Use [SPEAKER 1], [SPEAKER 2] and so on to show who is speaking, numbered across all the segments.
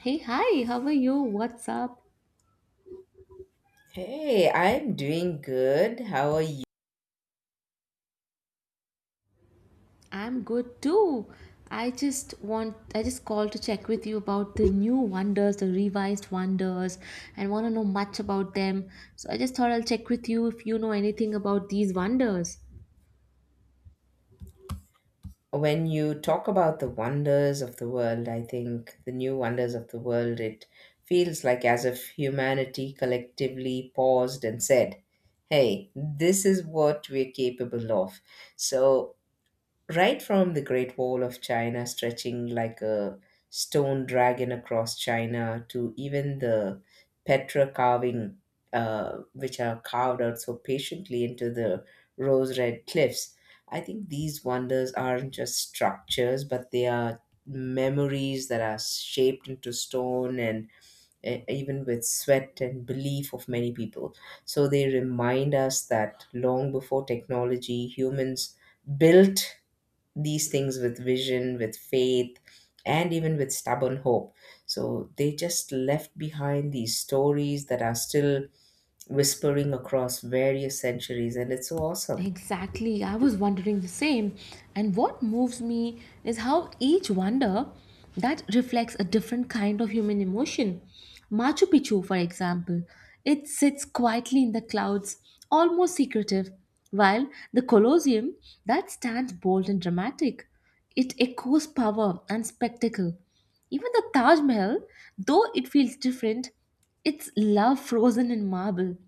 [SPEAKER 1] Hey, hi, how are you? What's up?
[SPEAKER 2] Hey, I'm doing good. How are you?
[SPEAKER 1] I'm good too. I just called to check with you about the new wonders, the revised wonders, and want to know much about them. So I just thought I'll check with you if you know anything about these wonders.
[SPEAKER 2] When you talk about the wonders of the world, I think the new wonders of the world, it feels like as if humanity collectively paused and said, hey, this is what we're capable of. So right from the Great Wall of China stretching like a stone dragon across China to even the Petra carving, which are carved out so patiently into the rose red cliffs. I think these wonders aren't just structures, but they are memories that are shaped into stone and even with sweat and belief of many people. So they remind us that long before technology, humans built these things with vision, with faith, and even with stubborn hope. So they just left behind these stories that are still whispering across various centuries, and it's so awesome.
[SPEAKER 1] Exactly, I was wondering the same. And what moves me is how each wonder that reflects a different kind of human emotion. Machu Picchu, for example, it sits quietly in the clouds, almost secretive, while the Colosseum that stands bold and dramatic. It echoes power and spectacle. Even the Taj Mahal, though it feels different, its love frozen in marble,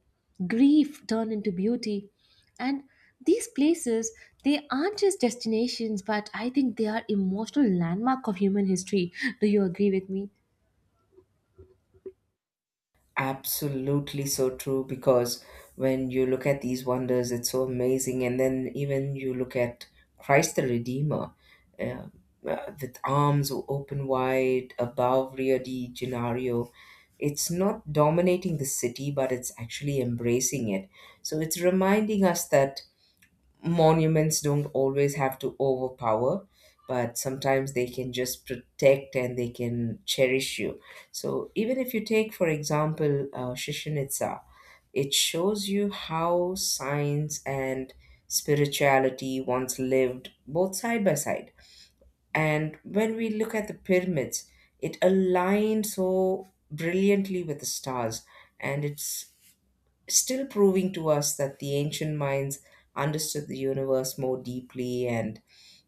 [SPEAKER 1] grief turned into beauty, and these places they aren't just destinations but I think they are emotional landmark of human history. Do you agree with me?
[SPEAKER 2] Absolutely so true, because when you look at these wonders, it's so amazing. And then even you look at Christ the Redeemer, uh, with arms open wide above Rio de Janeiro, it's not dominating the city, but it's actually embracing it. So it's reminding us that monuments don't always have to overpower, but sometimes they can just protect and they can cherish you. So even if you take, for example, Chichen Itza, it shows you how science and spirituality once lived both side by side. And when we look at the pyramids, it aligned so brilliantly with the stars, and it's still proving to us that the ancient minds understood the universe more deeply. And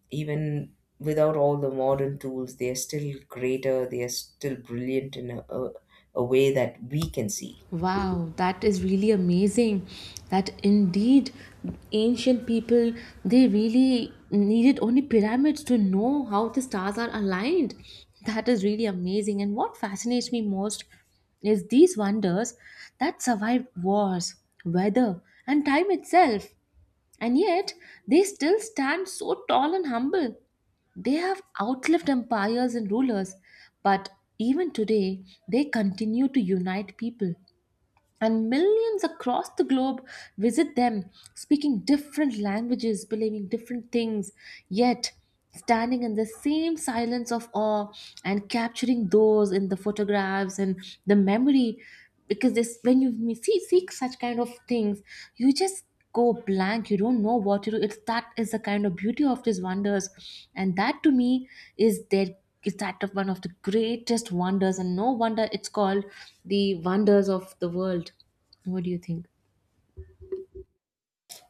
[SPEAKER 2] even without all the modern tools, they are still greater, they are still brilliant in a way that we can see.
[SPEAKER 1] Wow, that is really amazing. That indeed ancient people they really needed only pyramids to know how the stars are aligned. That is really amazing, and what fascinates me most is these wonders that survived wars, weather, and time itself. And yet, they still stand so tall and humble. They have outlived empires and rulers, but even today, they continue to unite people and millions across the globe visit them, speaking different languages, believing different things, yet standing in the same silence of awe and capturing those in the photographs and the memory. Because this, when you see seek such kind of things, you just go blank. You don't know what to do. It's that is the kind of beauty of these wonders, and that to me is their is that of one of the greatest wonders and no wonder it's called the wonders of the world. What do you think?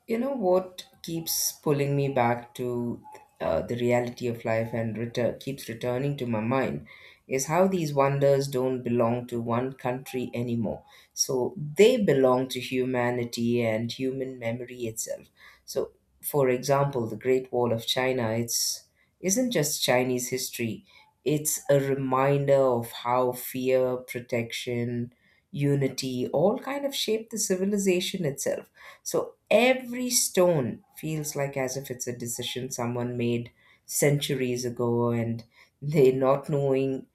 [SPEAKER 2] You know what keeps pulling me back to the reality of life and keeps returning to my mind is how these wonders don't belong to one country anymore. So they belong to humanity and human memory itself. So, for example, the Great Wall of China, it's isn't just Chinese history. It's a reminder of how fear, protection, unity all kind of shape the civilization itself. So every stone feels like as if it's a decision someone made centuries ago, and they not knowing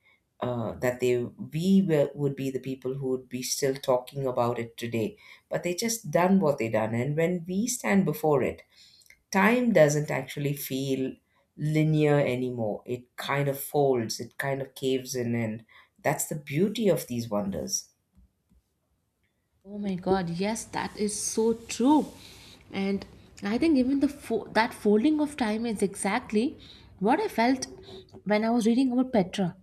[SPEAKER 2] that they we were, would be the people who would be still talking about it today. But they just done what they done, and when we stand before it, time doesn't actually feel linear anymore. It kind of folds, it kind of caves in, and that's the beauty of these wonders.
[SPEAKER 1] Oh my god, yes, that is so true. And I think even the that folding of time is exactly what I felt when I was reading about Petra.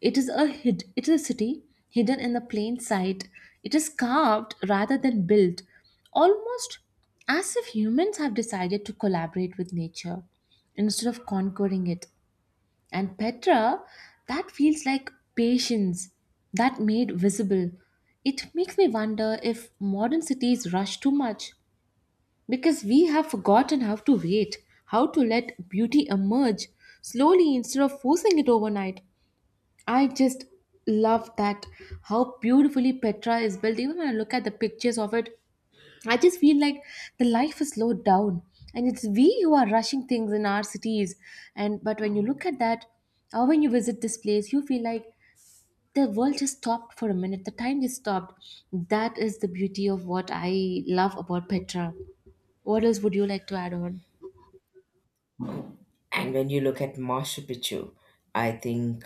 [SPEAKER 1] It is a hid it is a city hidden in the plain sight. It is carved rather than built, almost as if humans have decided to collaborate with nature instead of conquering it. And Petra, that feels like patience that made visible. It makes me wonder if modern cities rush too much because we have forgotten how to wait, how to let beauty emerge slowly instead of forcing it overnight. I just love that how beautifully Petra is built. Even when I look at the pictures of it, I just feel like the life is slowed down and it's we who are rushing things in our cities. And but when you look at that, or when you visit this place, you feel like the world just stopped for a minute, the time just stopped. That is the beauty of what I love about Petra. What else would you like to add on?
[SPEAKER 2] And when you look at Machu Picchu, I think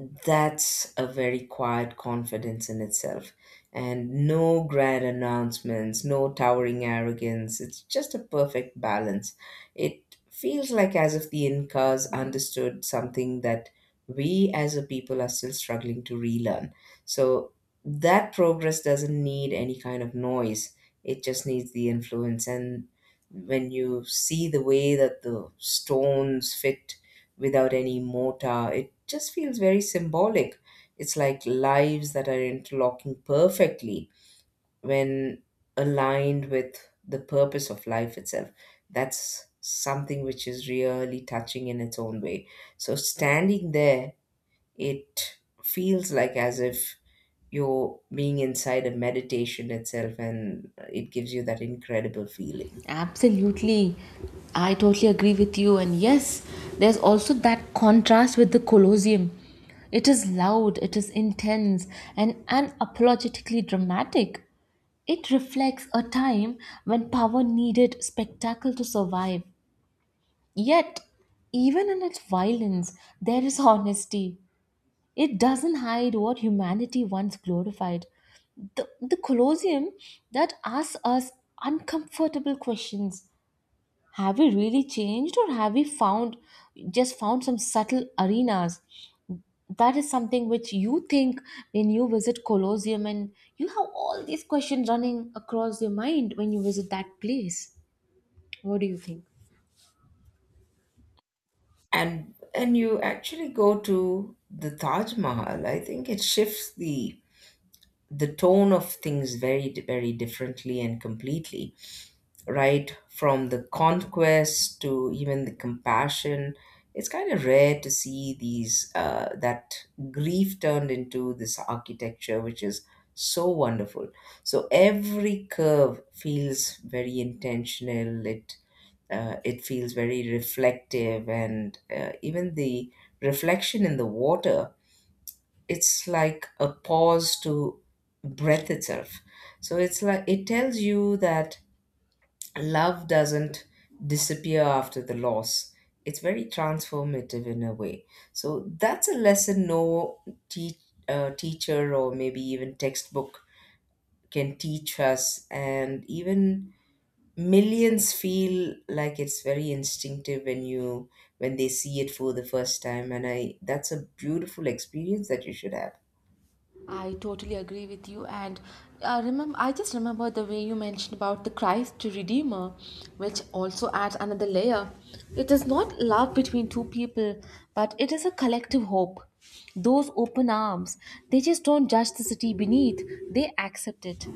[SPEAKER 2] that's a very quiet confidence in itself. And no grand announcements, no towering arrogance. It's just a perfect balance. It feels like as if the Incas understood something that we as a people are still struggling to relearn. So that progress doesn't need any kind of noise, it just needs the influence. And when you see the way that the stones fit without any mortar, it just feels very symbolic. It's like lives that are interlocking perfectly when aligned with the purpose of life itself. That's something which is really touching in its own way. So standing there, it feels like as if you're being inside a meditation itself, and it gives you that incredible feeling.
[SPEAKER 1] Absolutely. I totally agree with you. And yes, there's also that contrast with the Colosseum. It is loud, it is intense, and unapologetically dramatic. It reflects a time when power needed spectacle to survive. Yet, even in its violence, there is honesty. It doesn't hide what humanity once glorified. The Colosseum that asks us uncomfortable questions. Have we really changed or have we found just found some subtle arenas? That is something which you think when you visit colosseum, and you have all these questions running across your mind when you visit that place. What do you think?
[SPEAKER 2] And you actually go to the Taj Mahal, I think it shifts the tone of things very very differently and completely, right? From the conquest to even the compassion, it's kind of rare to see these that grief turned into this architecture, which is so wonderful. So every curve feels very intentional. It it feels very reflective, and even the reflection in the water, it's like a pause to breath itself. So it's like it tells you that love doesn't disappear after the loss. It's very transformative in a way. So that's a lesson no te- teacher or maybe even textbook can teach us. And even millions feel like it's very instinctive when you when they see it for the first time, and I that's a beautiful experience that you should have.
[SPEAKER 1] I totally agree with you, and remember, I just remember the way you mentioned about the Christ Redeemer, which also adds another layer. It is not love between two people, but it is a collective hope. Those open arms, they just don't judge the city beneath; they accept it.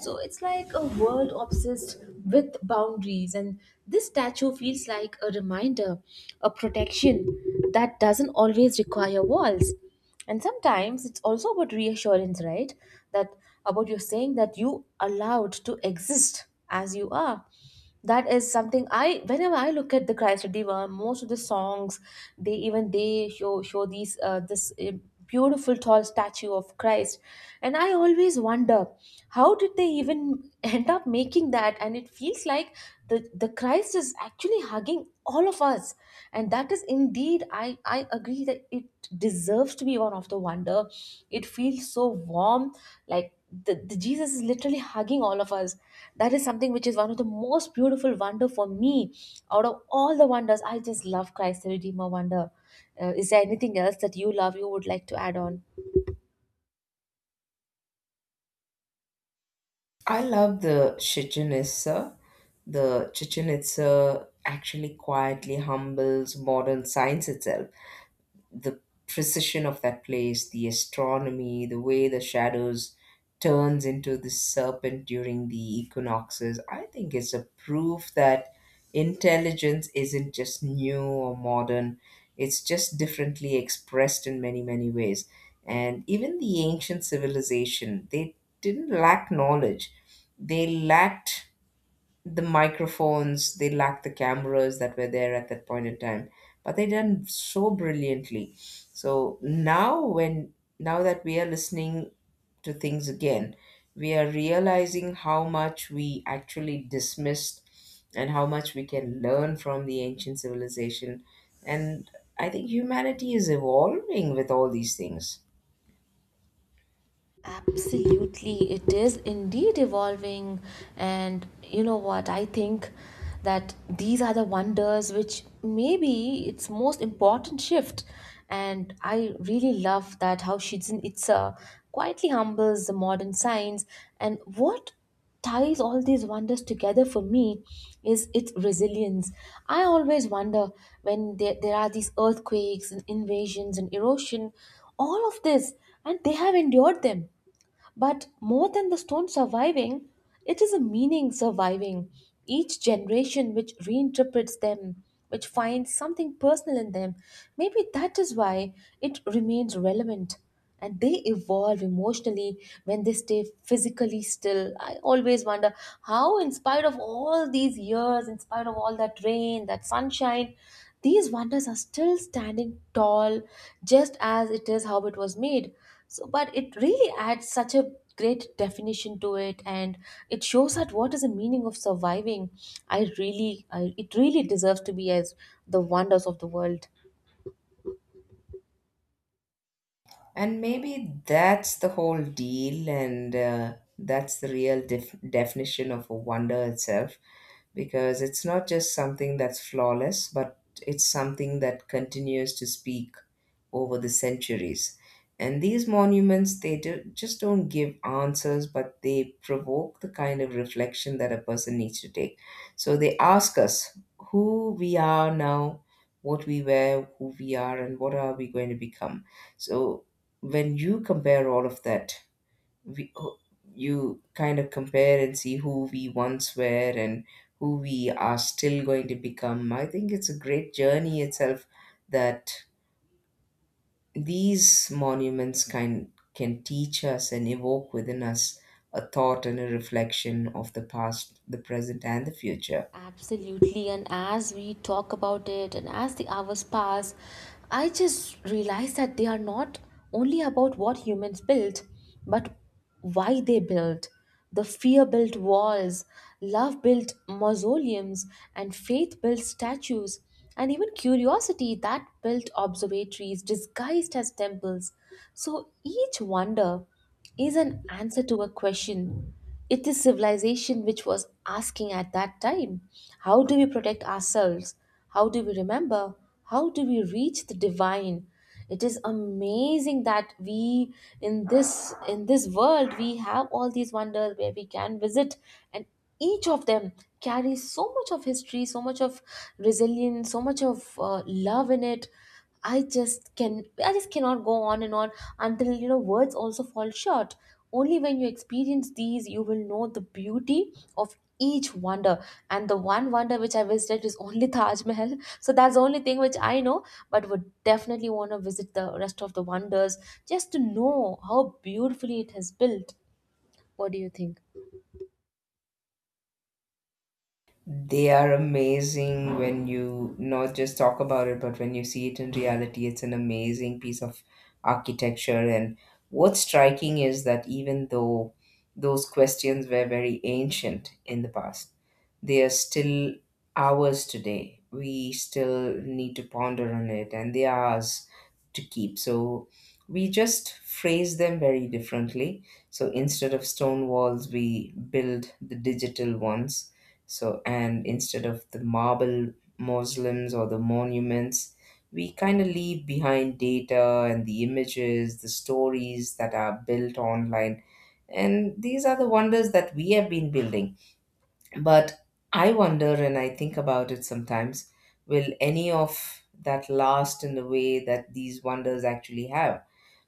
[SPEAKER 1] So it's like a world obsessed with boundaries, and this statue feels like a reminder, a protection that doesn't always require walls. And sometimes it's also about reassurance, right? That about you saying that you allowed to exist as you are. That is something I whenever I look at the Christ Redeemer, most of the songs they even they show these this beautiful tall statue of Christ. And I always wonder how did they even end up making that? And it feels like the Christ is actually hugging all of us. And that is indeed, I agree that it deserves to be one of the wonder. It feels so warm, like the Jesus is literally hugging all of us. That is something which is one of the most beautiful wonder for me. Out of all the wonders I just love Christ the Redeemer wonder. Is there anything else that you love you would like to add on?
[SPEAKER 2] I love the Chichen Itza. The Chichen Itza actually quietly humbles modern science itself. The precision of that place, the astronomy, the way the shadows turns into the serpent during the equinoxes. I think it's a proof that intelligence isn't just new or modern. It's just differently expressed in many, many ways. And even the ancient civilization, they didn't lack knowledge. They lacked the microphones, they lacked the cameras that were there at that point in time, but they done so brilliantly. So now, when now that we are listening to things again, we are realizing how much we actually dismissed and how much we can learn from the ancient civilization. And I think humanity is evolving with all these things.
[SPEAKER 1] Absolutely, it is indeed evolving. And you know what? I think that these are the wonders which maybe its most important shift. And I really love that how Shizen Itza quietly humbles the modern science. And what ties all these wonders together for me is its resilience. I always wonder when there are these earthquakes and invasions and erosion, all of this, and they have endured them. But more than the stone surviving, it is a meaning surviving. Each generation which reinterprets them, which finds something personal in them, maybe that is why it remains relevant. And they evolve emotionally when they stay physically still. I always wonder how, in spite of all these years, in spite of all that rain, that sunshine, these wonders are still standing tall, just as it is how it was made. So, but it really adds such a great definition to it, and it shows that what is the meaning of surviving. It really deserves to be as the wonders of the world.
[SPEAKER 2] And maybe that's the whole deal, and that's the real definition of a wonder itself, because it's not just something that's flawless, but it's something that continues to speak over the centuries. And these monuments, they do, just don't give answers, but they provoke the kind of reflection that a person needs to take. So they ask us who we are now, what we were, who we are, and what are we going to become. So when you compare all of that, we, oh, you kind of compare and see who we once were and who we are still going to become. I think it's a great journey itself that these monuments can teach us and evoke within us a thought and a reflection of the past, the present, and the future.
[SPEAKER 1] Absolutely. And as we talk about it and as the hours pass, I just realize that they are not only about what humans built, but why they built. The fear built walls, love built mausoleums, and faith built statues, and even curiosity that built observatories disguised as temples. So each wonder is an answer to a question. It is civilization which was asking at that time how do we protect ourselves? How do we remember? How do we reach the divine? It is amazing that we in this world we have all these wonders where we can visit, and each of them carries so much of history, so much of resilience, so much of love in it. I just cannot go on and on until you know words also fall short. Only when you experience these you will know the beauty of each wonder, and the one wonder which I visited is only Taj Mahal. So that's the only thing which I know, but would definitely want to visit the rest of the wonders just to know how beautifully it has built. What do you think?
[SPEAKER 2] They are amazing when you not just talk about it, but when you see it in reality. It's an amazing piece of architecture. And what's striking is that even though those questions were very ancient in the past, they are still ours today. We still need to ponder on it, and they are ours to keep. So we just phrase them very differently. So instead of stone walls, we build the digital ones. So, and instead of the marble mausoleums or the monuments, we kind of leave behind data and the images, the stories that are built online. And these are the wonders that we have been building. But I wonder, and I think about it sometimes, will any of that last in the way that these wonders actually have?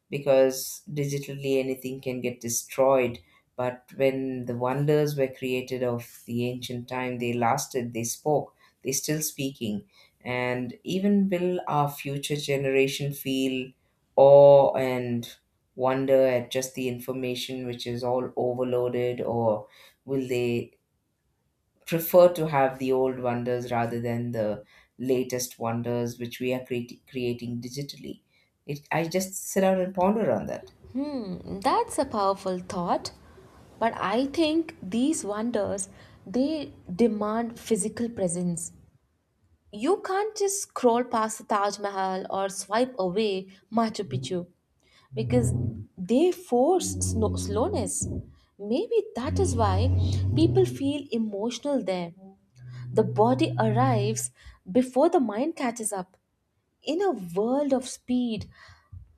[SPEAKER 2] Because digitally anything can get destroyed, but when the wonders were created of the ancient time, they lasted, they spoke, they're still speaking. And even will our future generation feel awe and wonder at just the information which is all overloaded, or will they prefer to have the old wonders rather than the latest wonders which we are creating digitally. It, I just sit down and ponder on that.
[SPEAKER 1] Hmm. That's a powerful thought. But I think these wonders they demand physical presence. You can't just scroll past the Taj Mahal or swipe away Machu Picchu because they force slowness. Maybe that is why people feel emotional there. The body arrives before the mind catches up. In a world of speed,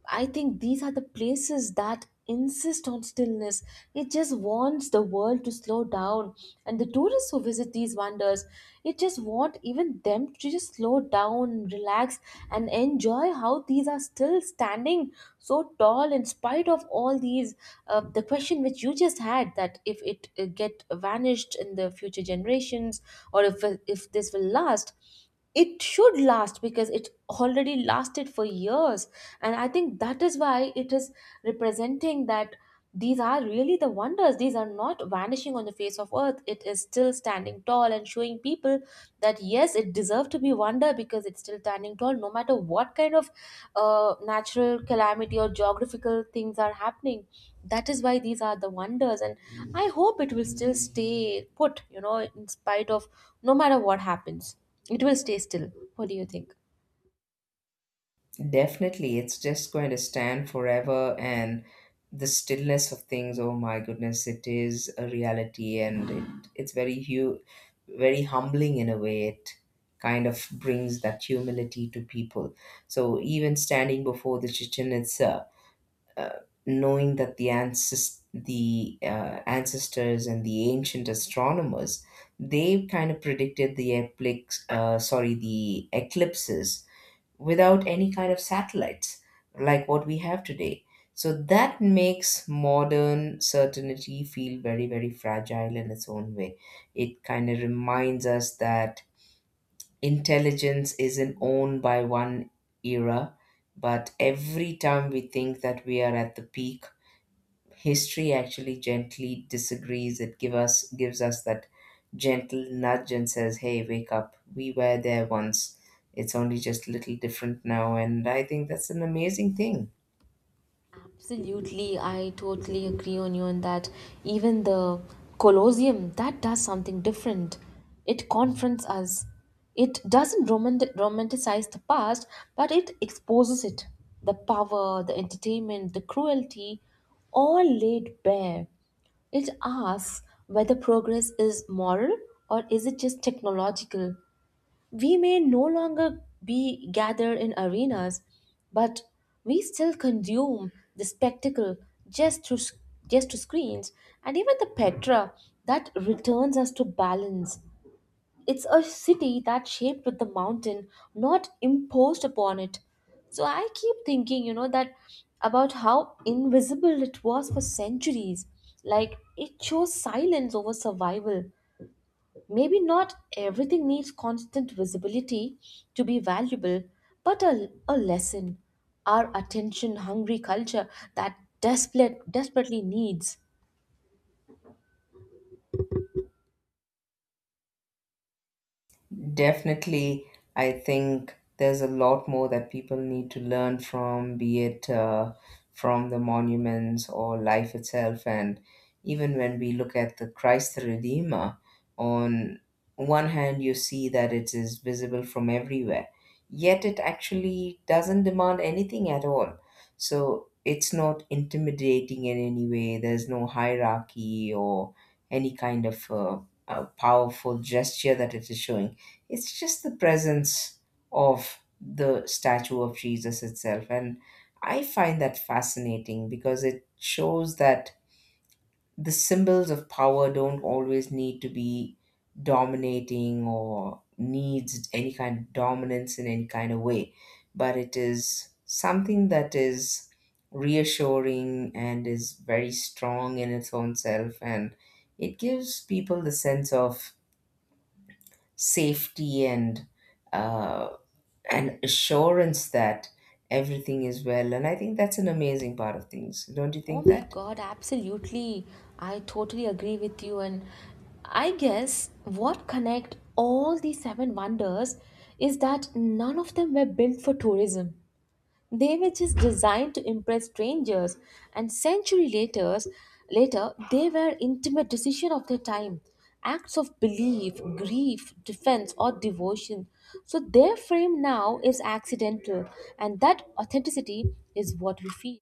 [SPEAKER 1] I think these are the places that insist on stillness. It just wants the world to slow down. And the tourists who visit these wonders, it just want even them to just slow down, relax, and enjoy how these are still standing so tall in spite of all these. The question which you just had that if it get vanished in the future generations or if this will last, it should last because it already lasted for years. And I think that is why it is representing that these are really the wonders. These are not vanishing on the face of earth. It is still standing tall and showing people that yes it deserves to be wonder because it's still standing tall no matter what kind of natural calamity or geographical things are happening. That is why these are the wonders, and I hope it will still stay put, you know, in spite of no matter what happens, it will stay still. What do you think?
[SPEAKER 2] Definitely, it's just going to stand forever, and the stillness of things. Oh my goodness, it is a reality, and it's very very humbling in a way. It kind of brings that humility to people. So even standing before the Chichen Itza, uh, knowing that the ancestors and the ancient astronomers, they kind of predicted the eclipse, sorry, the eclipses, without any kind of satellites like what we have today. So that makes modern certainty feel very, very fragile in its own way. It kind of reminds us that intelligence isn't owned by one era, but every time we think that we are at the peak, history actually gently disagrees. It gives us that gentle nudge and says, hey, wake up, we were there once. It's only just a little different now, and I think that's an amazing thing.
[SPEAKER 1] Absolutely, I totally agree on you on that. Even the Colosseum, that does something different. It confronts us. It doesn't romanticize the past, but it exposes it. The power, the entertainment, the cruelty, all laid bare. It asks whether progress is moral or is it just technological. We may no longer be gathered in arenas, but we still consume the spectacle just through s- just through screens. And even the Petra that returns us to balance. It's a city that shaped with the mountain, not imposed upon it. So I keep thinking, you know, that about how invisible it was for centuries. Like it chose silence over survival. Maybe not everything needs constant visibility to be valuable, but a lesson our attention hungry culture desperately needs.
[SPEAKER 2] Definitely, I think there's a lot more that people need to learn from, be it from the monuments or life itself. And even when we look at the Christ the Redeemer, on one hand, you see that it is visible from everywhere, yet it actually doesn't demand anything at all. So it's not intimidating in any way. There's no hierarchy or any kind of powerful gesture that it is showing. It's just the presence of the statue of Jesus itself. And I find that fascinating, because it shows that the symbols of power don't always need to be dominating or needs any kind of dominance in any kind of way. But it is something that is reassuring and is very strong in its own self. And it gives people the sense of safety and uh, an assurance that everything is well. And I think that's an amazing part of things. Don't you
[SPEAKER 1] Oh
[SPEAKER 2] think
[SPEAKER 1] my
[SPEAKER 2] that?
[SPEAKER 1] god, absolutely. I totally agree with you, and I guess what connect all these seven wonders is that none of them were built for tourism. They were just designed to impress strangers, and later they were intimate decisions of their time, acts of belief, grief, defense, or devotion. So their frame now is accidental, and that authenticity is what we feel.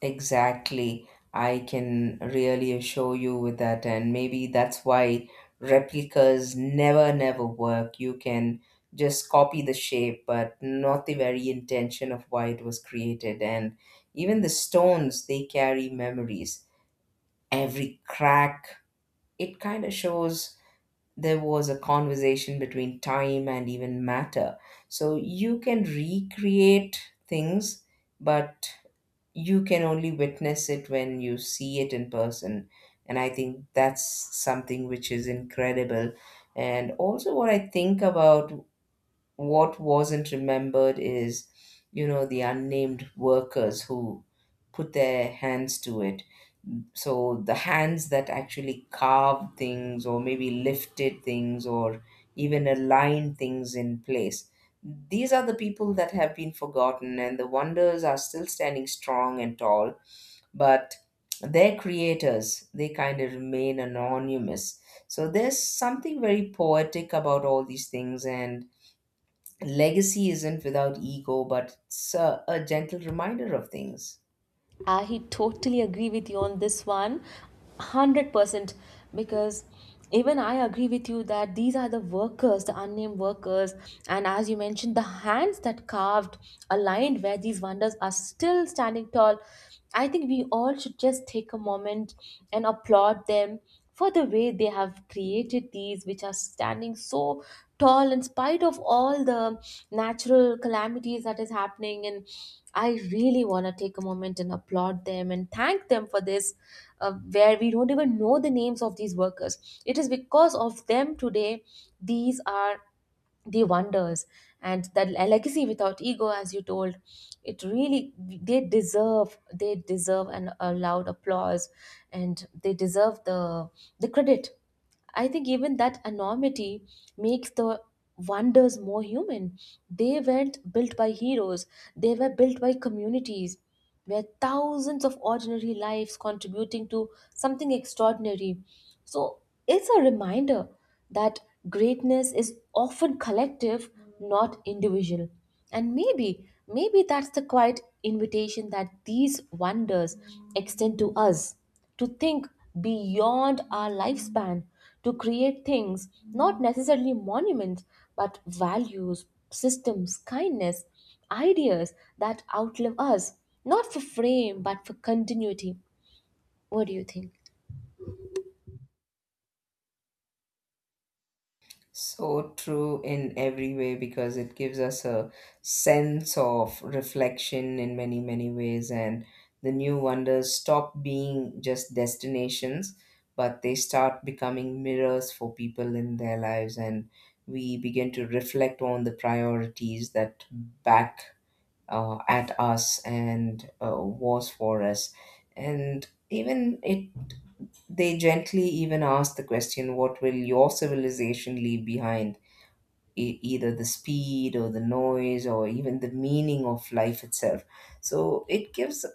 [SPEAKER 2] Exactly. I can really assure you with that. And maybe that's why replicas never work. You can just copy the shape, but not the very intention of why it was created. And even the stones, they carry memories. Every crack, it kind of shows there was a conversation between time and even matter. So you can recreate things, but you can only witness it when you see it in person. And I think that's something which is incredible. And also, what I think about what wasn't remembered is, you know, the unnamed workers who put their hands to it, so the hands that actually carved things or maybe lifted things or even aligned things in place. These are the people that have been forgotten, and the wonders are still standing strong and tall, but their creators, they kind of remain anonymous. So there's something very poetic about all these things, and legacy isn't without ego, but it's a gentle reminder of things.
[SPEAKER 1] I totally agree with you on this one, 100%. Because even I agree with you that these are the workers, the unnamed workers, and as you mentioned, the hands that carved a line where these wonders are still standing tall. I think we all should just take a moment and applaud them for the way they have created these, which are standing so tall in spite of all the natural calamities that is happening. And I really want to take a moment and applaud them and thank them for this, where we don't even know the names of these workers. It is because of them today these are the wonders. And legacy without ego, as you told, it really, they deserve, they deserve an a loud applause, and they deserve the credit. I think even that anonymity makes the wonders more human. They weren't built by heroes, they were built by communities, where thousands of ordinary lives contributing to something extraordinary. So it's a reminder that greatness is often collective, not individual. And maybe that's the quiet invitation that these wonders extend to us, to think beyond our lifespan, to create things, not necessarily monuments, but values, systems, kindness, ideas that outlive us, not for frame but for continuity. What do you think?
[SPEAKER 2] So true in every way, because it gives us a sense of reflection in many, many ways. And the new wonders stop being just destinations, but they start becoming mirrors for people in their lives. And we begin to reflect on the priorities that back at us and was for us. And even it, they gently even ask the question, what will your civilization leave behind? Either the speed or the noise or even the meaning of life itself. So it gives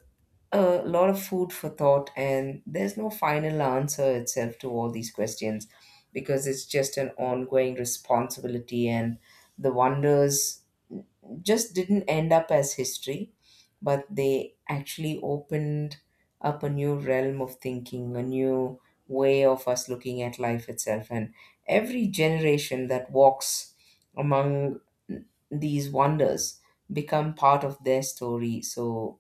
[SPEAKER 2] a lot of food for thought, and there's no final answer itself to all these questions, because it's just an ongoing responsibility, and the wonders just didn't end up as history, but they actually opened up a new realm of thinking, a new way of us looking at life itself. And every generation that walks among these wonders become part of their story. So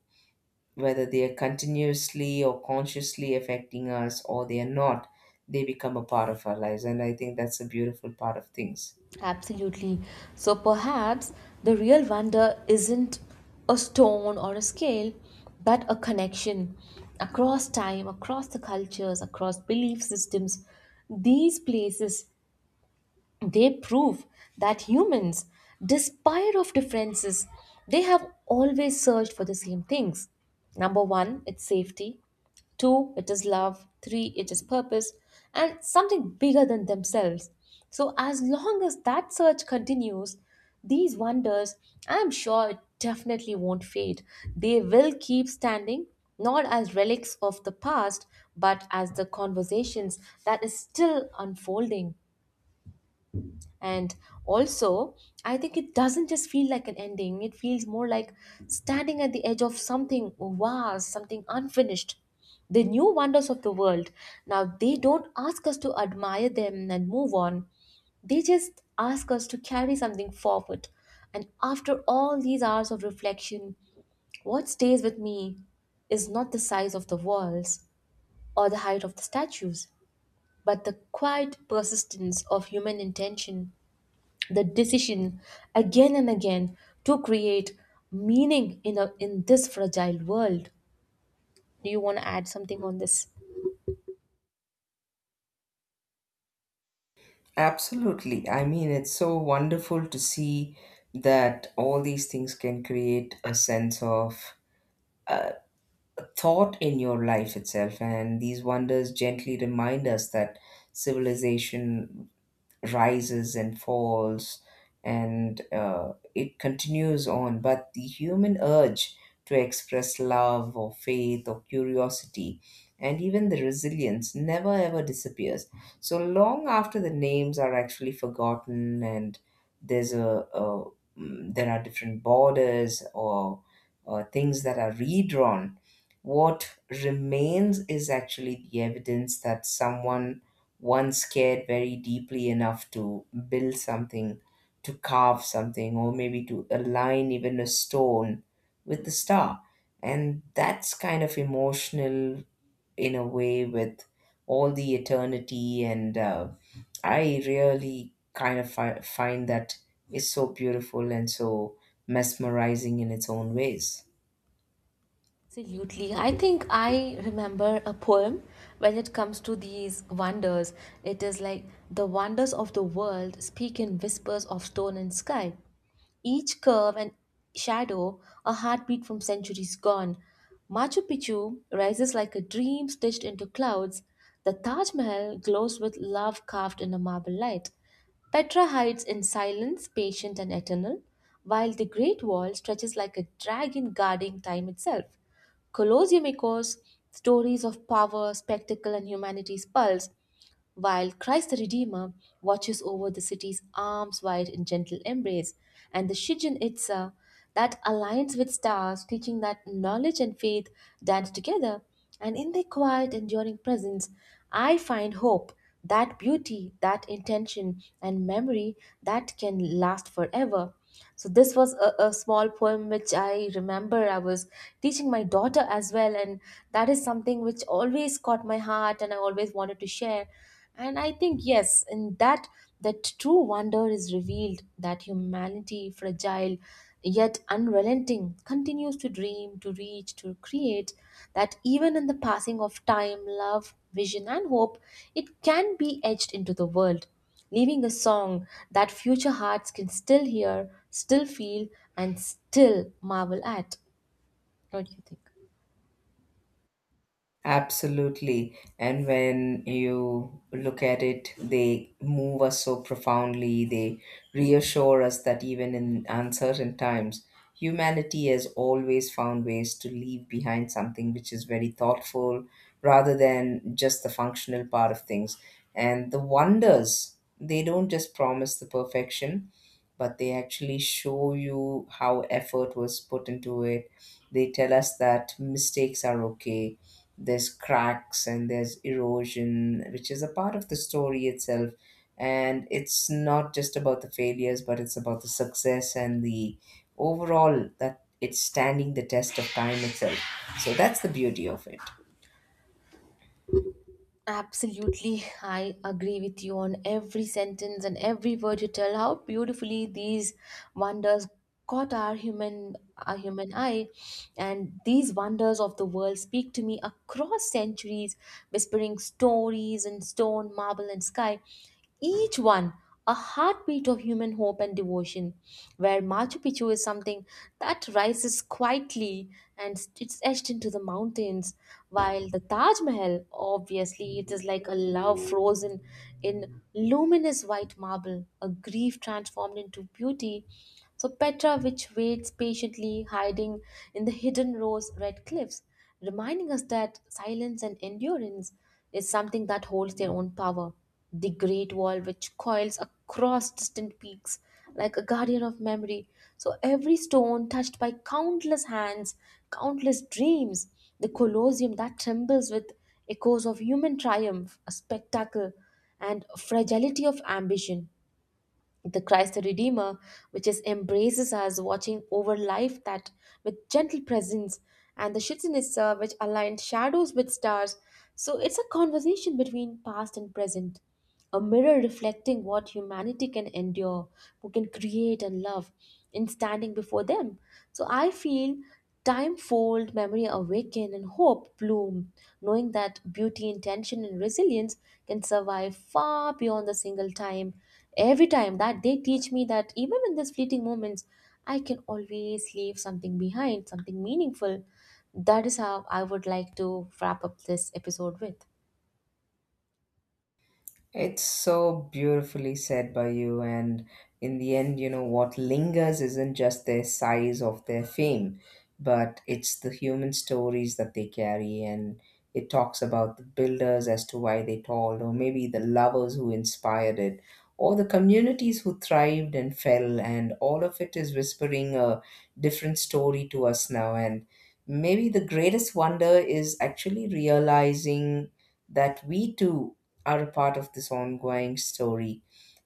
[SPEAKER 2] whether they are continuously or consciously affecting us or they are not, they become a part of our lives. And I think that's a beautiful part of things.
[SPEAKER 1] Absolutely. So perhaps the real wonder isn't a stone or a scale, but a connection across time, across the cultures, across belief systems. These places, they prove that humans, despite of differences, they have always searched for the same things. Number 1, it's safety. 2, it is love. 3, it is purpose and something bigger than themselves. So as long as that search continues, these wonders, I'm sure it definitely won't fade. They will keep standing, not as relics of the past, but as the conversations that is still unfolding. And also, I think it doesn't just feel like an ending, it feels more like standing at the edge of something vast, something unfinished. The new wonders of the world. Now, they don't ask us to admire them and move on, they just ask us to carry something forward. And after all these hours of reflection, what stays with me is not the size of the walls or the height of the statues, but the quiet persistence of human intention, the decision again and again to create meaning in this fragile world. Do you want to add something on this?
[SPEAKER 2] Absolutely. I mean, it's so wonderful to see that all these things can create a sense of thought in your life itself. And these wonders gently remind us that civilization rises and falls, and it continues on, but the human urge to express love or faith or curiosity and even the resilience never ever disappears. So long after the names are actually forgotten, and there's a there are different borders or things that are redrawn, what remains is actually the evidence that someone once cared very deeply enough to build something, to carve something, or maybe to align even a stone with the star. And that's kind of emotional in a way with all the eternity. And I really kind of find that is so beautiful and so mesmerizing in its own ways.
[SPEAKER 1] Absolutely. I think I remember a poem. When it comes to these wonders, it is like the wonders of the world speak in whispers of stone and sky, each curve and shadow a heartbeat from centuries gone. Machu Picchu rises like a dream stitched into clouds. The Taj Mahal glows with love carved in a marble light. Petra hides in silence, patient and eternal, while the Great Wall stretches like a dragon guarding time itself. Colosseum echoes stories of power, spectacle, and humanity's pulse, while Christ the Redeemer watches over the city's arms wide in gentle embrace, and the Shijin Itza that aligns with stars, teaching that knowledge and faith dance together, and in their quiet, enduring presence, I find hope, that beauty, that intention, and memory that can last forever. So this was a small poem which I remember I was teaching my daughter as well, and that is something which always caught my heart and I always wanted to share. And I think yes, in that true wonder is revealed that humanity, fragile yet unrelenting, continues to dream, to reach, to create, that even in the passing of time, love, vision, and hope, it can be etched into the world, leaving a song that future hearts can still hear, still feel, and still marvel at. What do you think?
[SPEAKER 2] Absolutely. And when you look at it, they move us so profoundly. They reassure us that even in uncertain times, humanity has always found ways to leave behind something which is very thoughtful, rather than just the functional part of things. And the wonders, they don't just promise the perfection, but they actually show you how effort was put into it. They tell us that mistakes are okay. There's cracks and there's erosion, which is a part of the story itself. And it's not just about the failures, but it's about the success and the overall that it's standing the test of time itself. So that's the beauty of it.
[SPEAKER 1] Absolutely, I agree with you on every sentence and every word you tell. How beautifully these wonders caught our human eye, and these wonders of the world speak to me across centuries, whispering stories in stone, marble, and sky. Each one a heartbeat of human hope and devotion, where Machu Picchu is something that rises quietly and it's etched into the mountains, while the Taj Mahal, obviously, it is like a love frozen in luminous white marble, a grief transformed into beauty. So Petra, which waits patiently, hiding in the hidden rose red cliffs, reminding us that silence and endurance is something that holds their own power. The Great Wall, which coils across distant peaks like a guardian of memory. So every stone touched by countless hands, countless dreams. The Colosseum that trembles with echoes of human triumph, a spectacle, and fragility of ambition, the Christ the Redeemer, which is embraces us, watching over life that with gentle presence, and the Shitsinitsa, which aligned shadows with stars. So it's a conversation between past and present, a mirror reflecting what humanity can endure, who can create and love, in standing before them. So I feel time fold, memory awaken, and hope bloom, knowing that beauty, intention, and resilience can survive far beyond the single time. Every time that they teach me that even in these fleeting moments, I can always leave something behind, something meaningful. That is how I would like to wrap up this episode with.
[SPEAKER 2] It's so beautifully said by you. And in the end, you know, what lingers isn't just their size of their fame, but it's the human stories that they carry. And it talks about the builders as to why they toiled, or maybe the lovers who inspired it, or the communities who thrived and fell. And all of it is whispering a different story to us now. And maybe the greatest wonder is actually realizing that we too are a part of this ongoing story,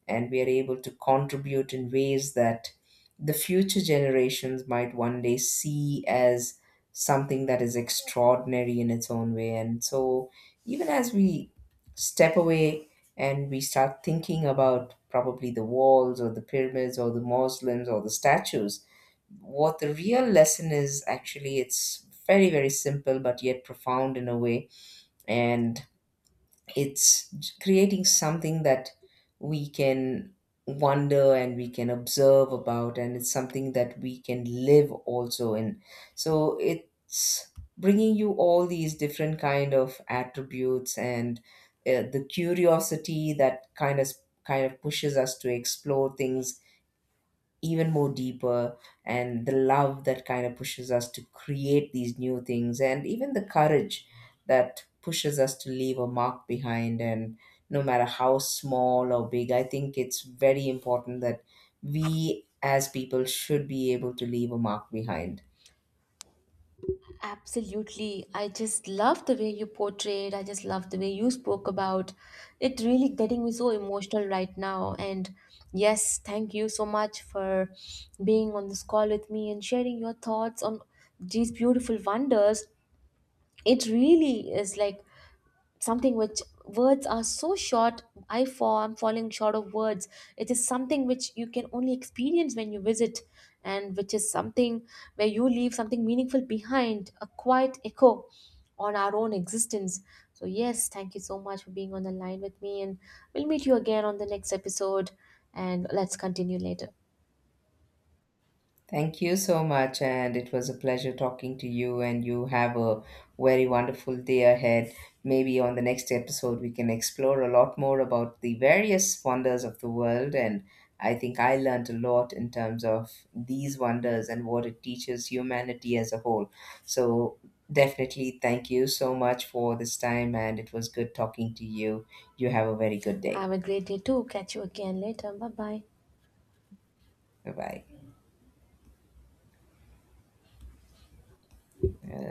[SPEAKER 2] and we are able to contribute in ways that the future generations might one day see as something that is extraordinary in its own way. And so, even as we step away and we start thinking about probably the walls or the pyramids or the mausoleums or the statues, what the real lesson is actually, it's very very simple but yet profound in a way. And it's creating something that we can wonder and we can observe about, and it's something that we can live also in. So it's bringing you all these different kind of attributes, and the curiosity that kind of pushes us to explore things even more deeper, and the love that kind of pushes us to create these new things, and even the courage that pushes us to leave a mark behind. And no matter how small or big, I think it's very important that we as people should be able to leave a mark behind.
[SPEAKER 1] Absolutely. I just love the way you portrayed. I just love the way you spoke about it, really getting me so emotional right now. And yes, thank you so much for being on this call with me and sharing your thoughts on these beautiful wonders. It really is like something which words are so short. I'm falling short of words. It is something which you can only experience when you visit, and which is something where you leave something meaningful behind, a quiet echo on our own existence. So yes, thank you so much for being on the line with me, and we'll meet you again on the next episode. And let's continue later.
[SPEAKER 2] Thank you so much, and it was a pleasure talking to you. And you have a very wonderful day ahead. Maybe on the next episode, we can explore a lot more about the various wonders of the world. And I think I learned a lot in terms of these wonders and what it teaches humanity as a whole. So, definitely, thank you so much for this time, and it was good talking to you. You have a very good day.
[SPEAKER 1] Have a great day too, catch you again later, bye bye.
[SPEAKER 2] Bye bye.